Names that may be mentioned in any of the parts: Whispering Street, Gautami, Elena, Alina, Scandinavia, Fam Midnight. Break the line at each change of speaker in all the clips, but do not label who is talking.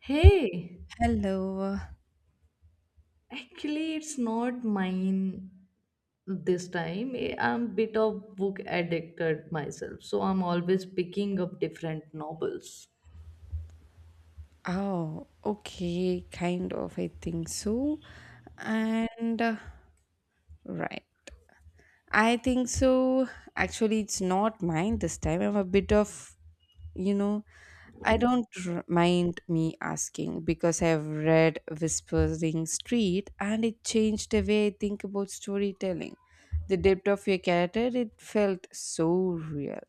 Hey,
Hello.
actually, it's not mine this time. I'm bit of book addicted myself, so I'm always picking up different novels.
Oh, okay, kind of, I think so. And right. I think so. Actually, it's not mine this time. I'm a bit of, you know, I don't mind me asking because I've read Whispering Street and it changed the way I think about storytelling. The depth of your character, it felt so real.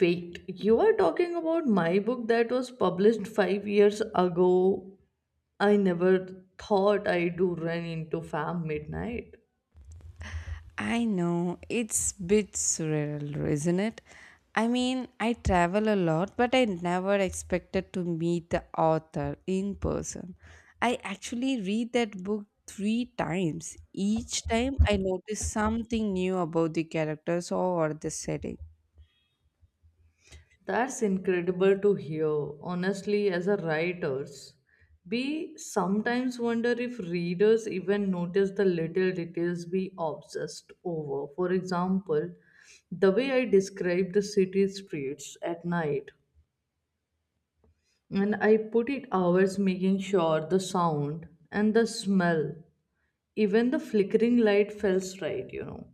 Wait, you are talking about my book that was published 5 years ago? I never thought I do run into Fam Midnight.
I know it's bit surreal, isn't it? I mean, I travel a lot, but I never expected to meet the author in person. I actually read that book three times. Each time I notice something new about the characters or the setting.
That's incredible to hear. Honestly, as a writers, we sometimes wonder if readers even notice the little details we obsessed over. For example, the way I describe the city streets at night, and I put it hours making sure the sound and the smell, even the flickering light feels right.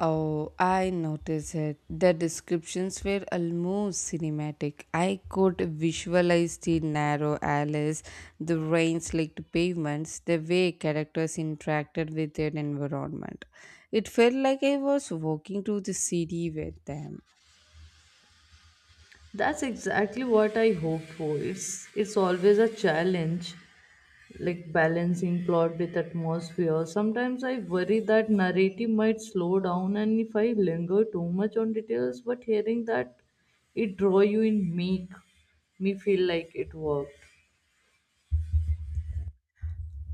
Oh, I noticed it. The descriptions were almost cinematic. I could visualize the narrow alleys, the rain slicked pavements, the way characters interacted with their environment. It felt like I was walking through the city with them.
That's exactly what I hoped for. It's always a challenge like balancing plot with atmosphere. Sometimes I worry that narrative might slow down and if I linger too much on details, but hearing that it draw you in make me feel like it worked.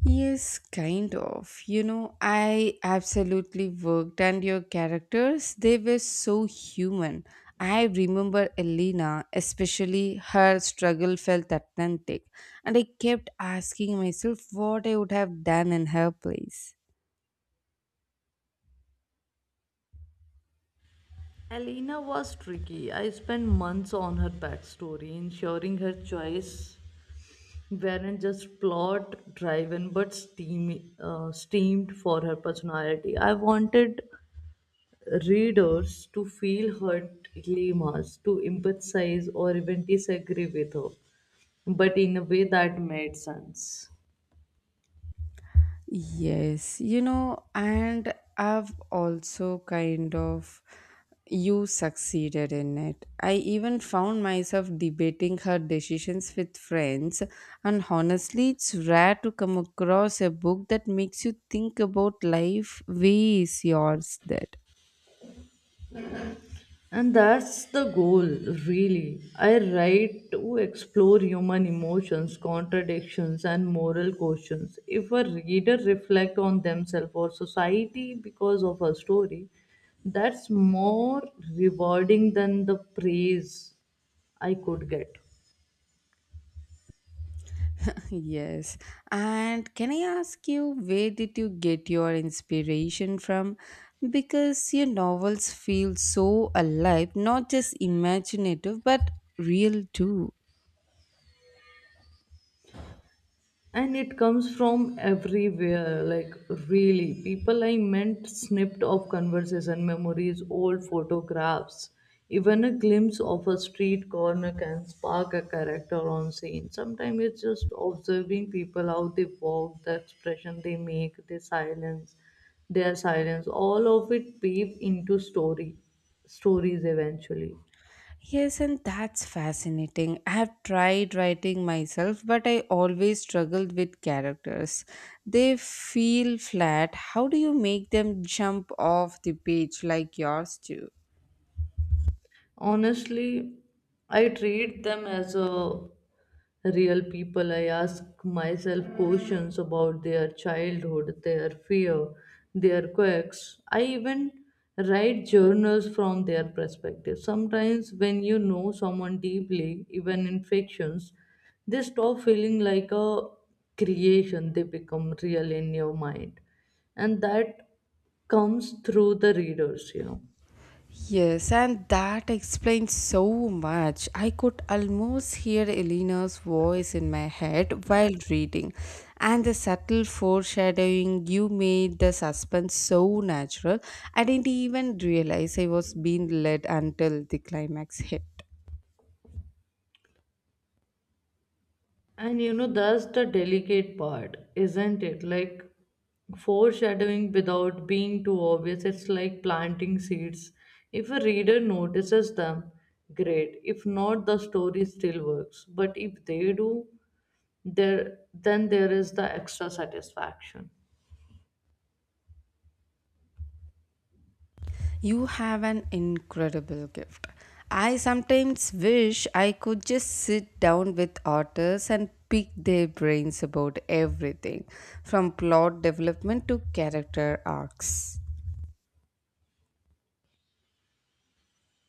Yes, kind of. I absolutely worked, and your characters, they were so human. I remember Elena, especially her struggle felt authentic, and I kept asking myself what I would have done in her place.
Alina was tricky. I spent months on her backstory, ensuring her choice weren't just plot driven but steamed for her personality. I wanted readers to feel her dilemmas, to empathize or even disagree with her, but in a way that made sense.
Yes, and I've also kind of you succeeded in it. I even found myself debating her decisions with friends, and honestly, it's rare to come across a book that makes you think about life ways yours did.
And that's the goal, really. I write to explore human emotions, contradictions, and moral questions. If a reader reflects on themselves or society because of a story, that's more rewarding than the praise I could get.
Yes. And can I ask you, where did you get your inspiration from? Because your novels feel so alive, not just imaginative, but real too.
And it comes from everywhere, like really people, I meant snipped of conversation, memories, old photographs, even a glimpse of a street corner can spark a character on scene. Sometimes it's just observing people, how they walk, the expression they make, their silence, all of it weave into story stories eventually.
Yes, and that's fascinating. I have tried writing myself, but I always struggled with characters. They feel flat. How do you make them jump off the page like yours do?
Honestly, I treat them as a real people. I ask myself questions about their childhood, their fear, their quirks. I even write journals from their perspective. Sometimes, when you know someone deeply, even in fictions, they stop feeling like a creation, they become real in your mind. And that comes through the readers.
Yes, and that explains so much. I could almost hear Elena's voice in my head while reading, and the subtle foreshadowing you made the suspense so natural. I didn't even realize I was being led until the climax hit.
And you know, that's the delicate part, isn't it? Like foreshadowing without being too obvious. It's like planting seeds. If a reader notices them, great. If not, the story still works. But if they do, there then there is the extra satisfaction.
You have an incredible gift. I sometimes wish I could just sit down with authors and pick their brains about everything from plot development to character arcs.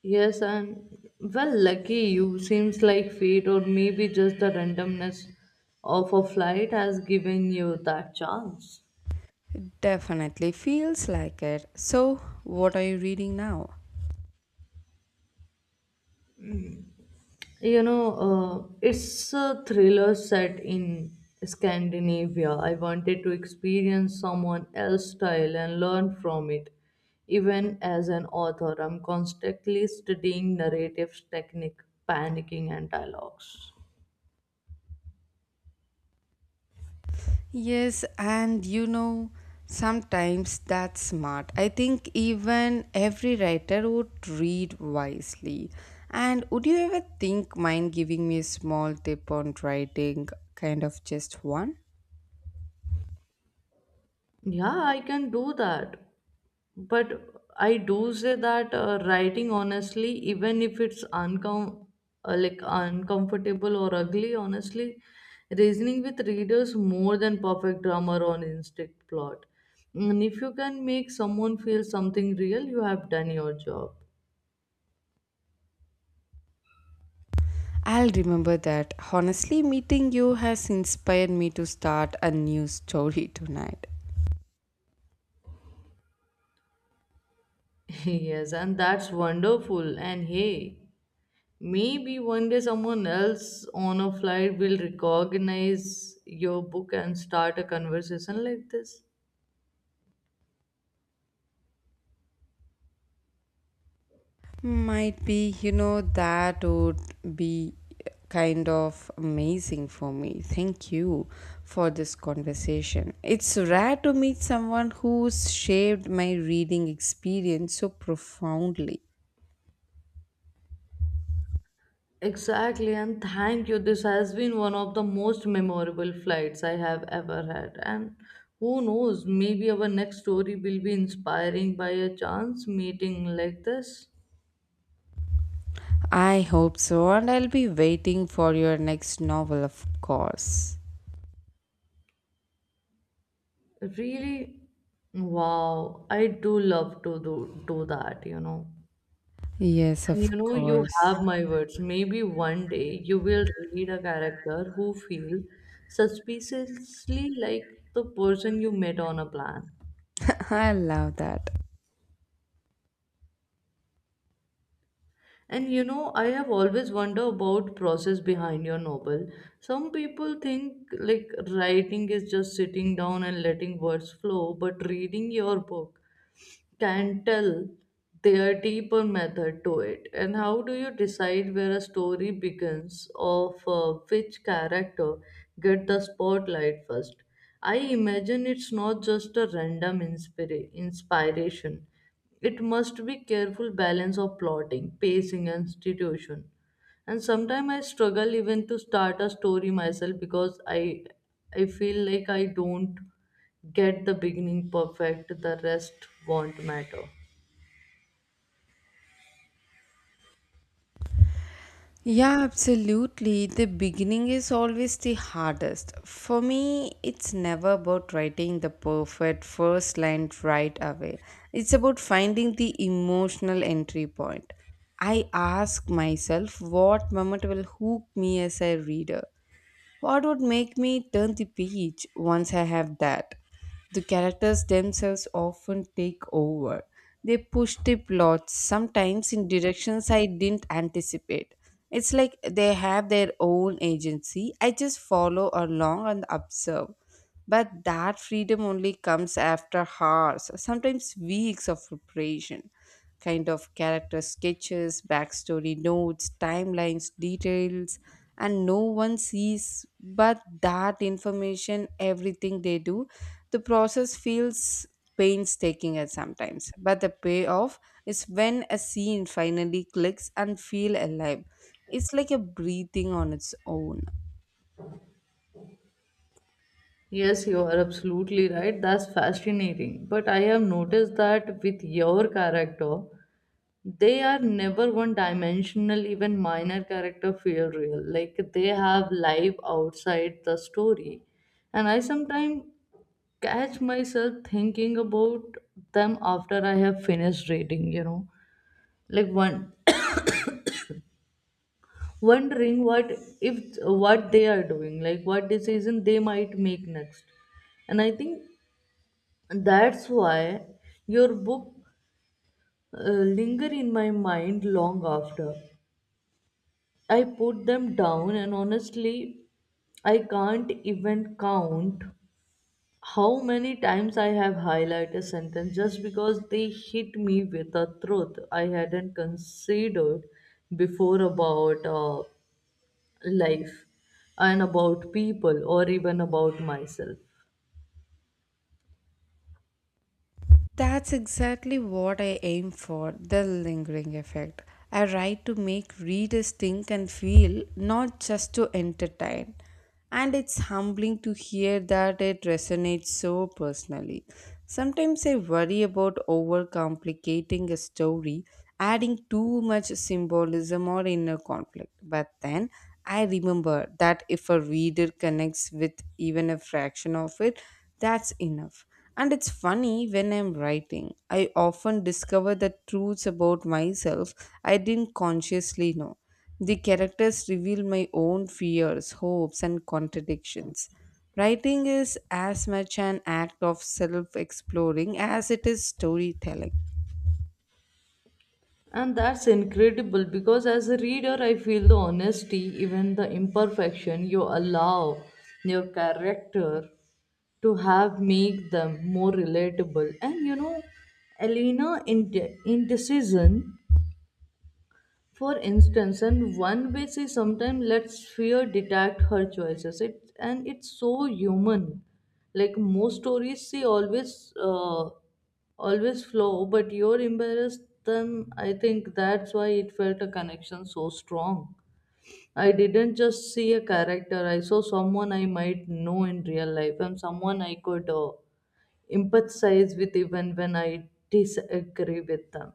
Yes, and well, lucky you, seems like fate or maybe just the randomness of a flight has given you that chance.
It definitely feels like it. So, what are you reading now?
You know, it's a thriller set in Scandinavia. I wanted to experience someone else's style and learn from it. Even as an author, I'm constantly studying narrative technique, panicking, and dialogues.
Yes, and sometimes that's smart. I think even every writer would read wisely. And would you ever think mind giving me a small tip on writing, kind of just one?
Yeah, I can do that. But I do say that writing honestly, even if it's uncomfortable or ugly, honestly, reasoning with readers more than perfect grammar or instinct plot. And if you can make someone feel something real, you have done your job.
I'll remember that. Honestly, meeting you has inspired me to start a new story tonight.
Yes, and that's wonderful. And hey, maybe one day someone else on a flight will recognize your book and start a conversation like this.
Might be, that would be kind of amazing for me. Thank you for this conversation. It's rare to meet someone who's shaped my reading experience so profoundly.
Exactly, and thank you. This has been one of the most memorable flights I have ever had. And who knows, maybe our next story will be inspiring by a chance meeting like this.
I hope so, and I'll be waiting for your next novel, of course.
Really, wow, I do love to do that, you know.
Yes,
And you
of
know, you
course.
have my words. Maybe one day you will read a character who feels suspiciously like the person you met on a plan.
I love that.
And you know, I have always wondered about process behind your novel. Some people think like writing is just sitting down and letting words flow, but reading your book can tell their deeper method to it. And how do you decide where a story begins of which character get the spotlight first? I imagine it's not just a random inspiration. It must be careful balance of plotting, pacing, and institution. And sometimes I struggle even to start a story myself, because I feel like I don't get the beginning perfect, the rest won't matter.
Yeah, absolutely. The beginning is always the hardest. For me, it's never about writing the perfect first line right away. It's about finding the emotional entry point. I ask myself what moment will hook me as a reader, what would make me turn the page once I have that? The characters themselves often take over. They push the plots sometimes in directions I didn't anticipate. It's like they have their own agency. I just follow along and observe. But that freedom only comes after hours, sometimes weeks of preparation. Kind of character sketches, backstory notes, timelines, details and no one sees but that information everything they do, the process feels painstaking at sometimes but the payoff is when a scene finally clicks and feel alive. It's like a breathing on its own.
Yes, you are absolutely right, that's fascinating, but I have noticed that with your character they are never one dimensional. Even minor character feel real, like they have life outside the story. And I sometimes catch myself thinking about them after I have finished reading, you know, like one wondering what if what they are doing, like what decision they might make next. And I think that's why your book linger in my mind long after I put them down. And honestly, I can't even count how many times I have highlighted a sentence just because they hit me with a truth I hadn't considered before about life and about people or even about myself.
That's exactly what I aim for, the lingering effect. I write to make readers think and feel, not just to entertain. And it's humbling to hear that it resonates so personally. Sometimes I worry about overcomplicating a story, adding too much symbolism or inner conflict. But then I remember that if a reader connects with even a fraction of it, that's enough. And it's funny, when I'm writing, I often discover the truths about myself I didn't consciously know. The characters reveal my own fears, hopes, and contradictions. Writing is as much an act of self exploring as it is storytelling.
And that's incredible because as a reader, I feel the honesty, even the imperfection you allow your character to have make them more relatable. And you know, Elena in indecision, for instance, and one way she sometimes lets fear dictate her choices. It's so human. Like most stories, she always flow, but you're embarrassed. Then I think that's why it felt a connection so strong. I didn't just see a character. I saw someone I might know in real life and someone I could empathize with, even when I disagree with them.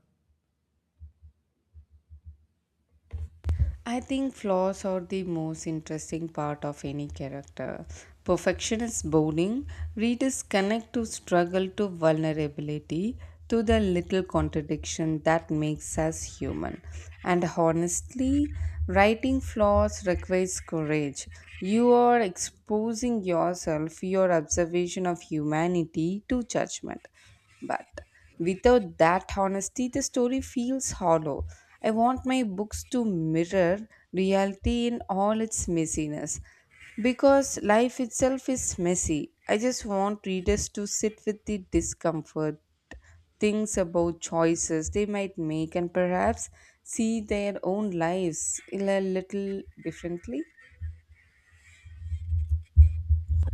I think flaws are the most interesting part of any character. Perfection is boring. Readers connect to struggle, to vulnerability, to the little contradiction that makes us human. And honestly, writing flaws requires courage. You are exposing yourself, your observation of humanity, to judgment. But without that honesty, the story feels hollow. I want my books to mirror reality in all its messiness because life itself is messy. I just want readers to sit with the discomfort, things about choices they might make, and perhaps see their own lives in a little differently.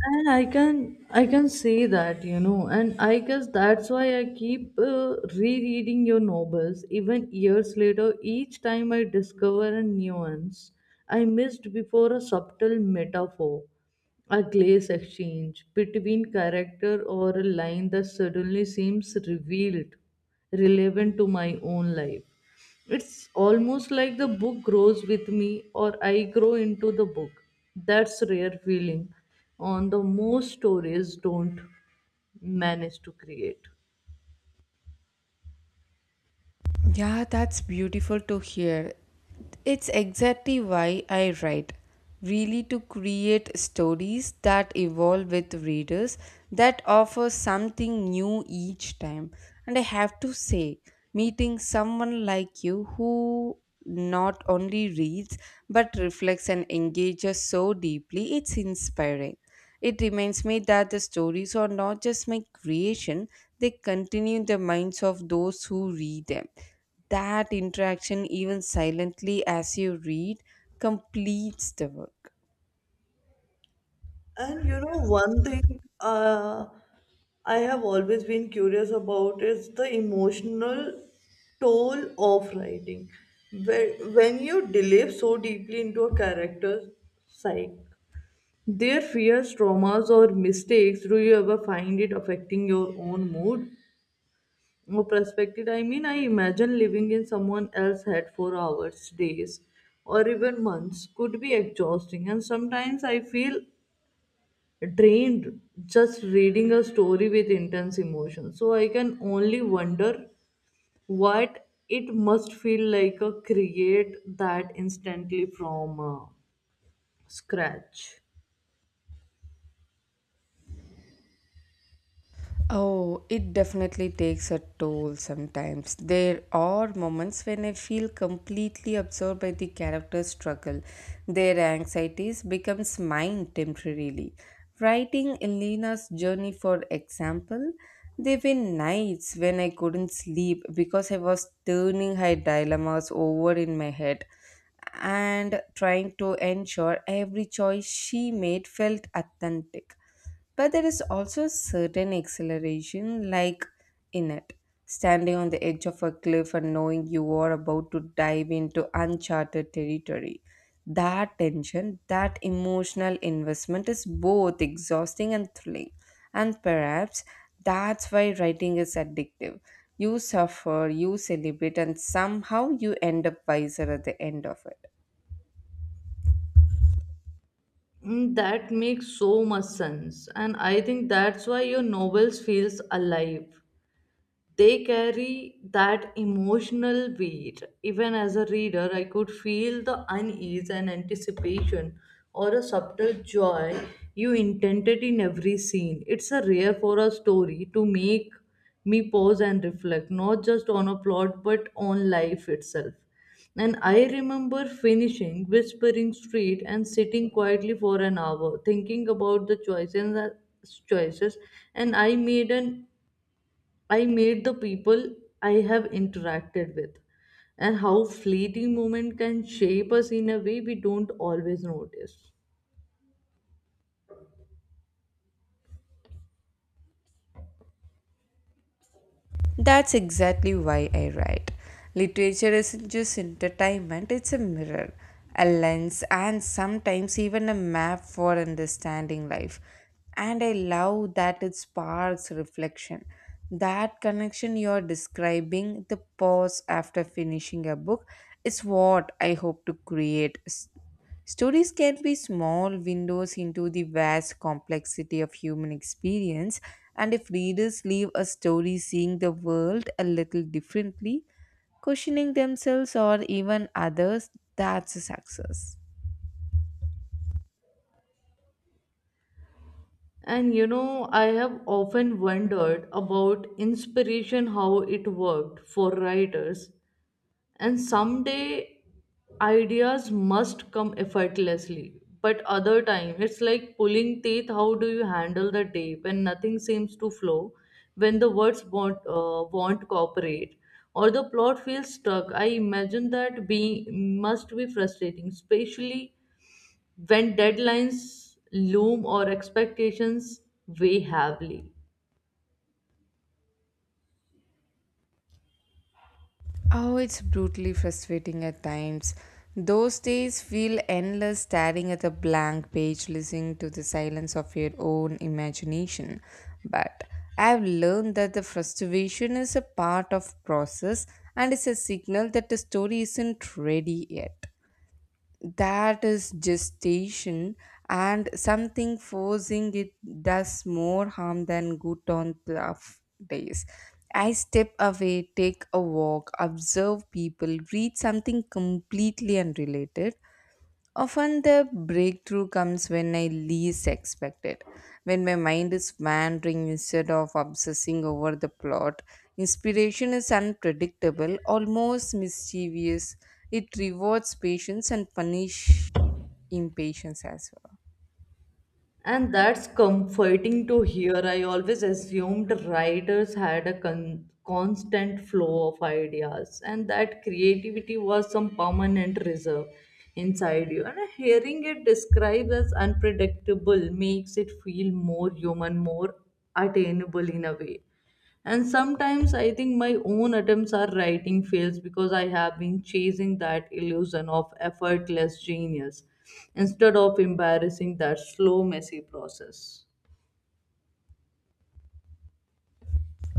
And I can say that, you know, and I guess that's why I keep rereading your novels even years later. Each time I discover a nuance I missed before, a subtle metaphor, a glaze exchange between character or a line that suddenly seems revealed, relevant to my own life. It's almost like the book grows with me or I grow into the book. That's rare feeling on the most stories don't manage to create.
Yeah, that's beautiful to hear. It's exactly why I write. Really, to create stories that evolve with readers, that offer something new each time. And I have to say, meeting someone like you who not only reads but reflects and engages so deeply, it's inspiring. It reminds me that the stories are not just my creation, they continue the minds of those who read them. That interaction, even silently as you read, completes the work.
And you know, one thing I have always been curious about is the emotional toll of writing. Where- When you delve so deeply into a character's psyche, their fears, traumas, or mistakes, do you ever find it affecting your own mood or perspective? I mean, I imagine living in someone else's head for hours, days, or even months could be exhausting, and sometimes I feel drained just reading a story with intense emotion. So I can only wonder what it must feel like to create that instantly from scratch.
Oh, it definitely takes a toll sometimes. There are moments when I feel completely absorbed by the character's struggle. Their anxieties becomes mine temporarily. Writing Elena's journey, for example, there were nights when I couldn't sleep because I was turning her dilemmas over in my head and trying to ensure every choice she made felt authentic. But there is also a certain exhilaration, like in it, standing on the edge of a cliff and knowing you are about to dive into uncharted territory. That tension, that emotional investment is both exhausting and thrilling, and perhaps that's why writing is addictive. You suffer, you celebrate, and somehow you end up wiser at the end of it.
Mm, that makes so much sense, and I think that's why your novels feels alive, they carry that emotional weight. Even as a reader, I could feel the unease and anticipation or a subtle joy you intended in every scene. It's a rare for a story to make me pause and reflect, not just on a plot but on life itself. And I remember finishing Whispering Street and sitting quietly for an hour, thinking about the choices and I made the people I have interacted with, and how fleeting moment can shape us in a way we don't always notice.
That's exactly why I write. Literature isn't just entertainment, it's a mirror, a lens, and sometimes even a map for understanding life. And I love that it sparks reflection. That connection you're describing, the pause after finishing a book, is what I hope to create. Stories can be small windows into the vast complexity of human experience, and if readers leave a story seeing the world a little differently, questioning themselves or even others, that's a success.
And you know, I have often wondered about inspiration, how it worked for writers. And someday ideas must come effortlessly. But other time, it's like pulling teeth. How do you handle the day when nothing seems to flow, when the words won't cooperate, or the plot feels stuck? I imagine that being must be frustrating, especially when deadlines loom or expectations weigh heavily.
Oh, it's brutally frustrating at times. Those days feel endless, staring at a blank page, listening to the silence of your own imagination. But I've learned that the frustration is a part of process and is a signal that the story isn't ready yet, that is gestation, and something forcing it does more harm than good. On tough days, I step away, take a walk, observe people, read something completely unrelated. Often the breakthrough comes when I least expect it, when my mind is wandering instead of obsessing over the plot. Inspiration is unpredictable, almost mischievous. It rewards patience and punishes impatience as well.
And that's comforting to hear. I always assumed writers had a constant flow of ideas and that creativity was some permanent reserve inside you. And hearing it described as unpredictable makes it feel more human, more attainable in a way. And sometimes I think my own attempts are writing fails because I have been chasing that illusion of effortless genius instead of embarrassing that slow messy process.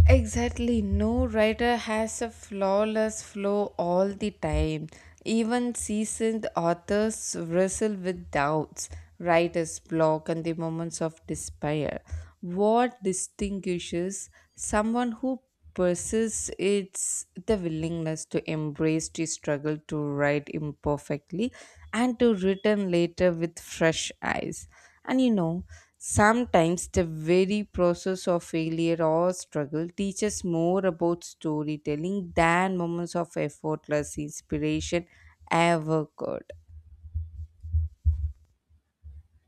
Exactly, no writer has a flawless flow all the time. Even seasoned authors wrestle with doubts, writer's block, and the moments of despair. What distinguishes someone who persists, it's the willingness to embrace the struggle, to write imperfectly and to return later with fresh eyes. And sometimes the very process of failure or struggle teaches more about storytelling than moments of effortless inspiration ever could.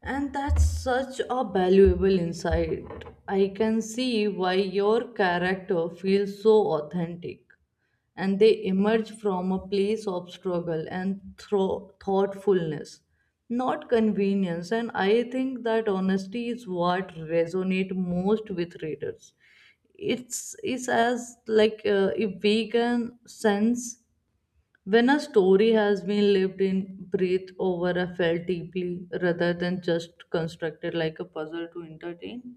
And that's such a valuable insight. I can see why your character feels so authentic. And they emerge from a place of struggle and thoughtfulness, not convenience. And I think that honesty is what resonates most with readers. It's as like if we can sense when a story has been lived in, breathed over, or felt deeply, rather than just constructed like a puzzle to entertain.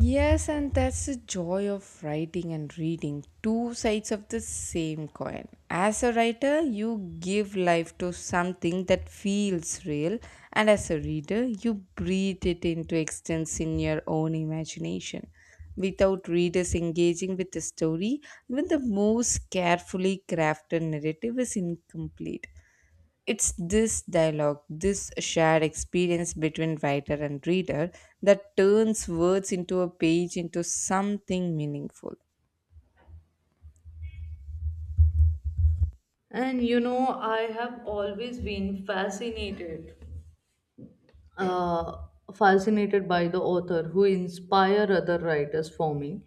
Yes, and that's the joy of writing and reading, two sides of the same coin. As a writer, you give life to something that feels real, and as a reader, you breathe it into existence in your own imagination. Without readers engaging with the story, even the most carefully crafted narrative is incomplete. It's this dialogue, this shared experience between writer and reader that turns words into a page into something meaningful.
And you know, I have always been uh, fascinated by the author who inspire other writers for me.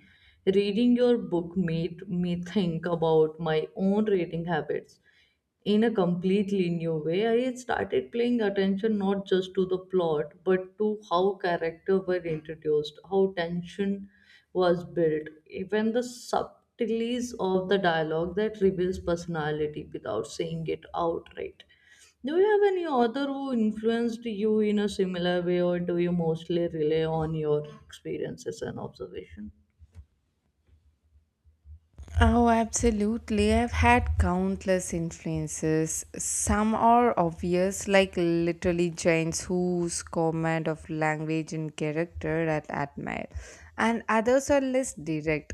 Reading your book made me think about my own reading habits in a completely new way. I started paying attention not just to the plot, but to how character were introduced, how tension was built, even the subtleties of the dialogue that reveals personality without saying it outright. Do you have any author who influenced you in a similar way, or do you mostly rely on your experiences and observation?
Oh, absolutely. I've had countless influences. Some are obvious, like literally giants whose command of language and character I admire, and others are less direct,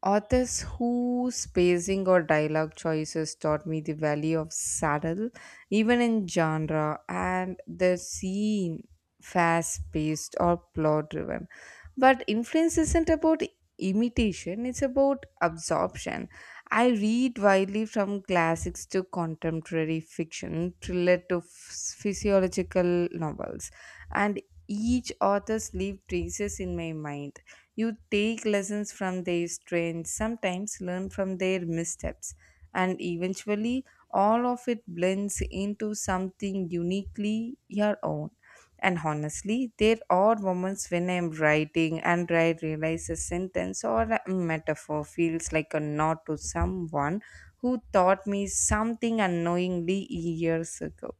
authors whose spacing or dialogue choices taught me the value of saddle, even in genre, and the scene fast paced or plot driven. But influence isn't about imitation, it's about absorption. I read widely from classics to contemporary fiction, thriller to physiological novels, and each author's leave traces in my mind. You take lessons from their strengths, sometimes learn from their missteps, and eventually all of it blends into something uniquely your own. And honestly, there are moments when I'm writing and I realize a sentence or a metaphor feels like a nod to someone who taught me something unknowingly years ago.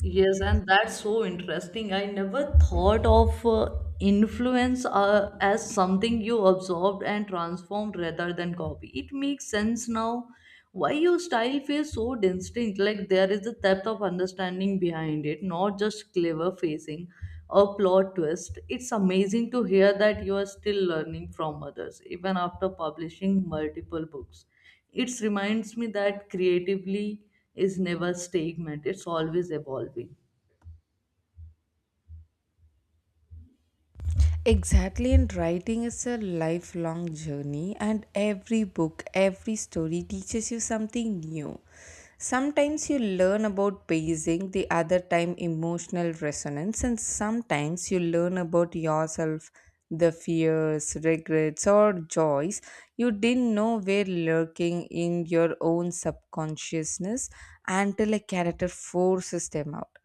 Yes, and that's so interesting. I never thought of influence as something you absorbed and transformed rather than copy. It makes sense now why your style feels so distinct. Like there is a depth of understanding behind it, not just clever facing or plot twist. It's amazing to hear that you are still learning from others, even after publishing multiple books. It reminds me that creatively is never stagnant, it's always evolving.
Exactly, and writing is a lifelong journey, and every book, every story teaches you something new. Sometimes you learn about pacing, the other time, emotional resonance, and sometimes you learn about yourself, the fears, regrets, or joys you didn't know were lurking in your own subconsciousness until a character forces them out.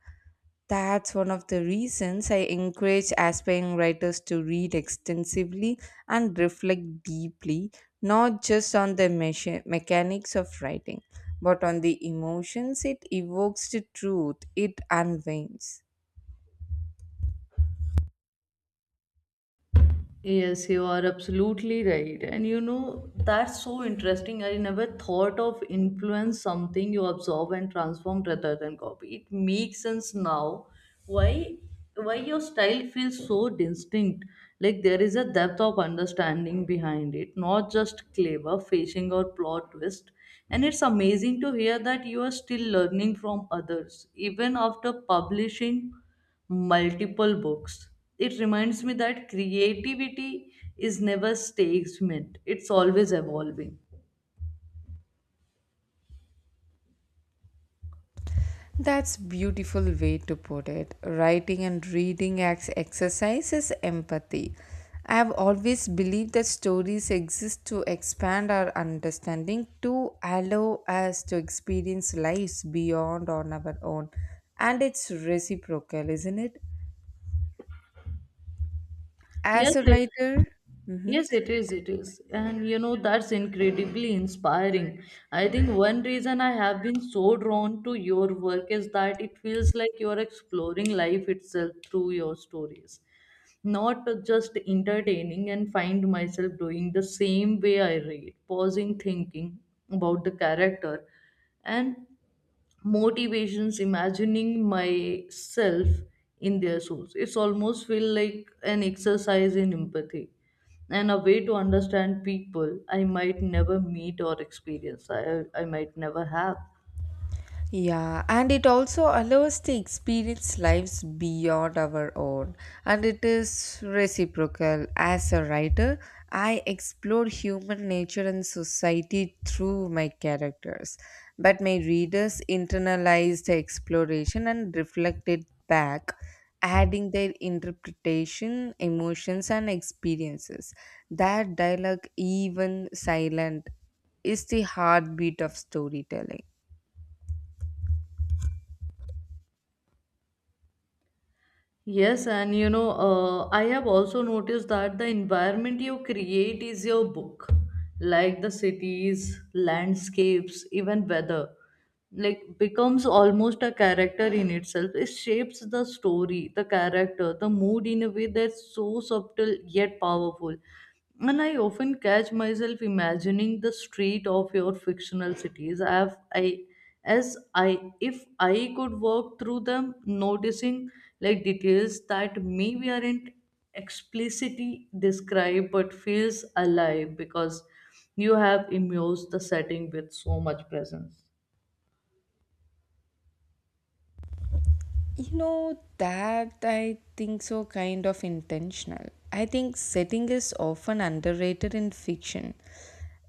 That's one of the reasons I encourage aspiring writers to read extensively and reflect deeply, not just on the mechanics of writing, but on the emotions it evokes, the truth it unveils.
Yes, you are absolutely right. That's so interesting. I never thought of influence something you absorb and transform rather than copy. It makes sense now why why your style feels so distinct. Like there is a depth of understanding behind it, not just clever facing or plot twist. And it's amazing to hear that you are still learning from others, even after publishing multiple books. It reminds me that creativity is never stagnant, it's always evolving.
That's beautiful way to put it. Writing and reading acts exercises empathy. I have always believed that stories exist to expand our understanding, to allow us to experience lives beyond on our own, and it's reciprocal, isn't it?
Yes,
As a
it,
writer, mhm.
yes, it is. It is. That's incredibly inspiring. I think one reason I have been so drawn to your work is that it feels like you're exploring life itself through your stories, not just entertaining, and find myself doing the same way I read, pausing, thinking about the character and motivations, imagining myself in their shoes. It's almost feel like an exercise in empathy and a way to understand people I might never meet or experience I might never have.
Yeah, and it also allows the experience lives beyond our own, and it is reciprocal. As a writer, I explore human nature and society through my characters, but my readers internalize the exploration and reflect it back, adding their interpretation, emotions, and experiences. That dialogue, even silent, is the heartbeat of storytelling.
Yes, and I have also noticed that the environment you create is your book, like the cities, landscapes, even weather, like becomes almost a character in itself. It shapes the story, the character, the mood in a way that's so subtle yet powerful. And I often catch myself imagining the street of your fictional cities. I have I as I if I could work through them, noticing like details that maybe aren't explicitly described but feels alive because you have immersed the setting with so much presence.
That I think so kind of intentional. I think setting is often underrated in fiction.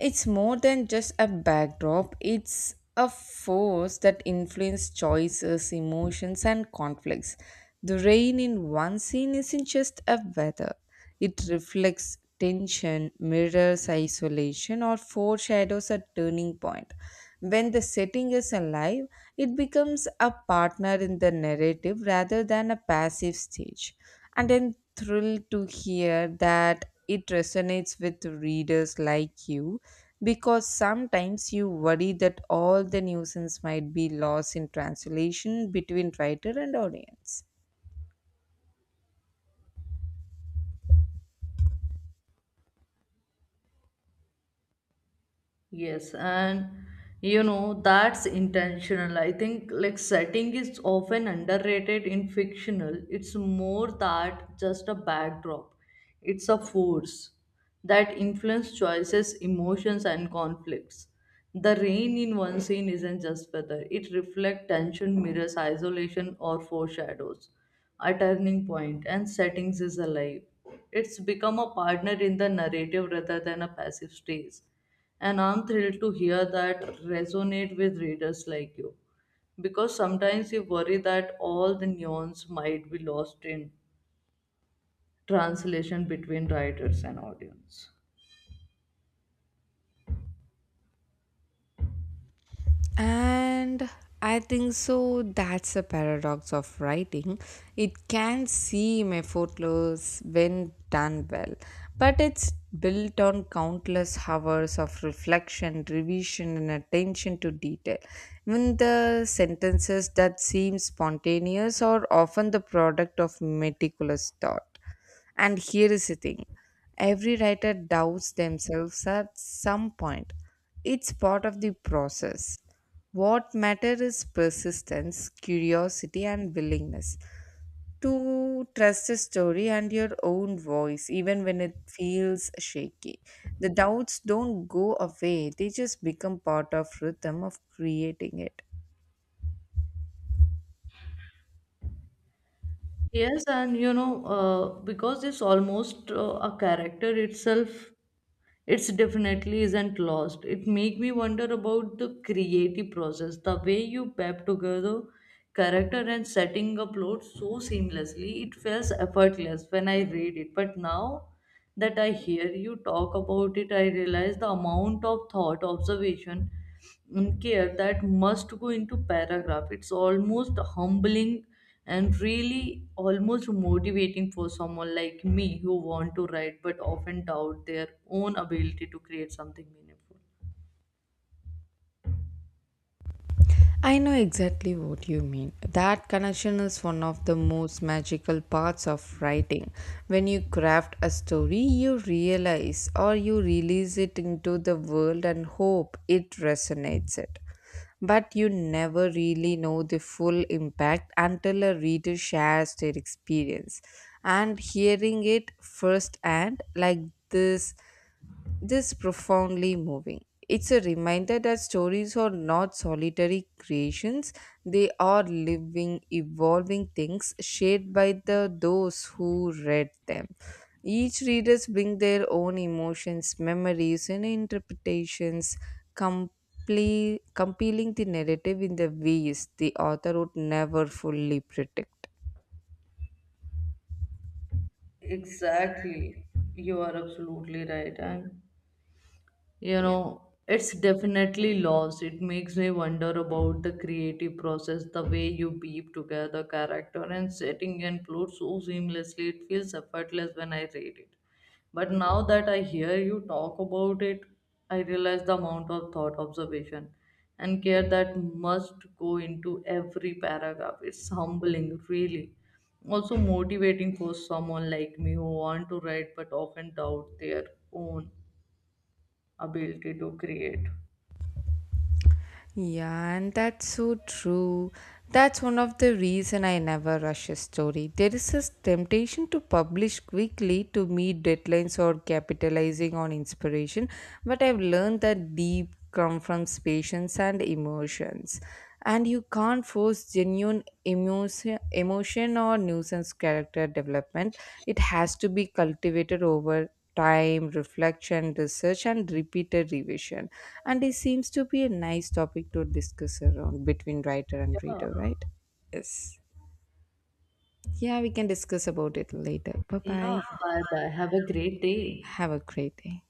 It's more than just a backdrop, it's a force that influences choices, emotions, and conflicts. The rain in one scene isn't just a weather, it reflects tension, mirrors isolation, or foreshadows a turning point. When the setting is alive, it becomes a partner in the narrative rather than a passive stage. And I'm thrilled to hear that it resonates with readers like you because sometimes you worry that all the nuisance might be lost in translation between writer and audience.
Yes, and that's intentional. I think like setting is often underrated in fictional. It's more that just a backdrop. It's a force that influences choices, emotions, and conflicts. The rain in one scene isn't just weather. It reflects tension, mirrors isolation, or foreshadows a turning point. And settings is alive. It's become a partner in the narrative rather than a passive stage, and I'm thrilled to hear that resonate with readers like you. Because sometimes you worry that all the nuance might be lost in translation between writers and audience.
And I think so. That's the paradox of writing. It can seem effortless when done well, but it's built on countless hours of reflection, revision, and attention to detail. Even the sentences that seem spontaneous are often the product of meticulous thought. And here is the thing, every writer doubts themselves at some point. It's part of the process. What matters is persistence, curiosity, and willingness to trust the story and your own voice, even when it feels shaky. The doubts don't go away, they just become part of rhythm of creating it.
Yes, and because it's almost a character itself, it's definitely isn't lost. It make me wonder about the creative process, the way you pep together character and setting up plot so seamlessly. It feels effortless when I read it, but now that I hear you talk about it, I realize the amount of thought, observation, and care that must go into paragraph. It's almost humbling and really almost motivating for someone like me who want to write but often doubt their own ability to create something meaningful.
I know exactly what you mean. That connection is one of the most magical parts of writing. When you craft a story, you realize or you release it into the world and hope it resonates it. But you never really know the full impact until a reader shares their experience. And hearing it firsthand, like this this profoundly moving. It's a reminder that stories are not solitary creations, they are living, evolving things shared by the those who read them. Each readers bring their own emotions, memories, and interpretations, compiling the narrative in the ways the author would never fully predict.
Exactly. You are absolutely right. And you know it's definitely lost. It makes me wonder about the creative process, the way you weave together character and setting and plot so seamlessly. It feels effortless when I read it, but now that I hear you talk about it, I realize the amount of thought, observation, and care that must go into every paragraph. It's humbling, really, also motivating for someone like me who want to write but often doubt their own ability to create.
Yeah, and that's so true. That's one of the reason I never rush a story. There is this temptation to publish quickly to meet deadlines or capitalizing on inspiration, but I've learned that deep come from patience and emotions. And you can't force genuine emotion or nuisance character development. It has to be cultivated over time, reflection, research, and repeated revision. And it seems to be a nice topic to discuss around between writer and
Yeah,
reader, right? Yes. Yeah, we can discuss about it later. Bye bye.
yeah, bye bye. Have a great day.
Have a great day.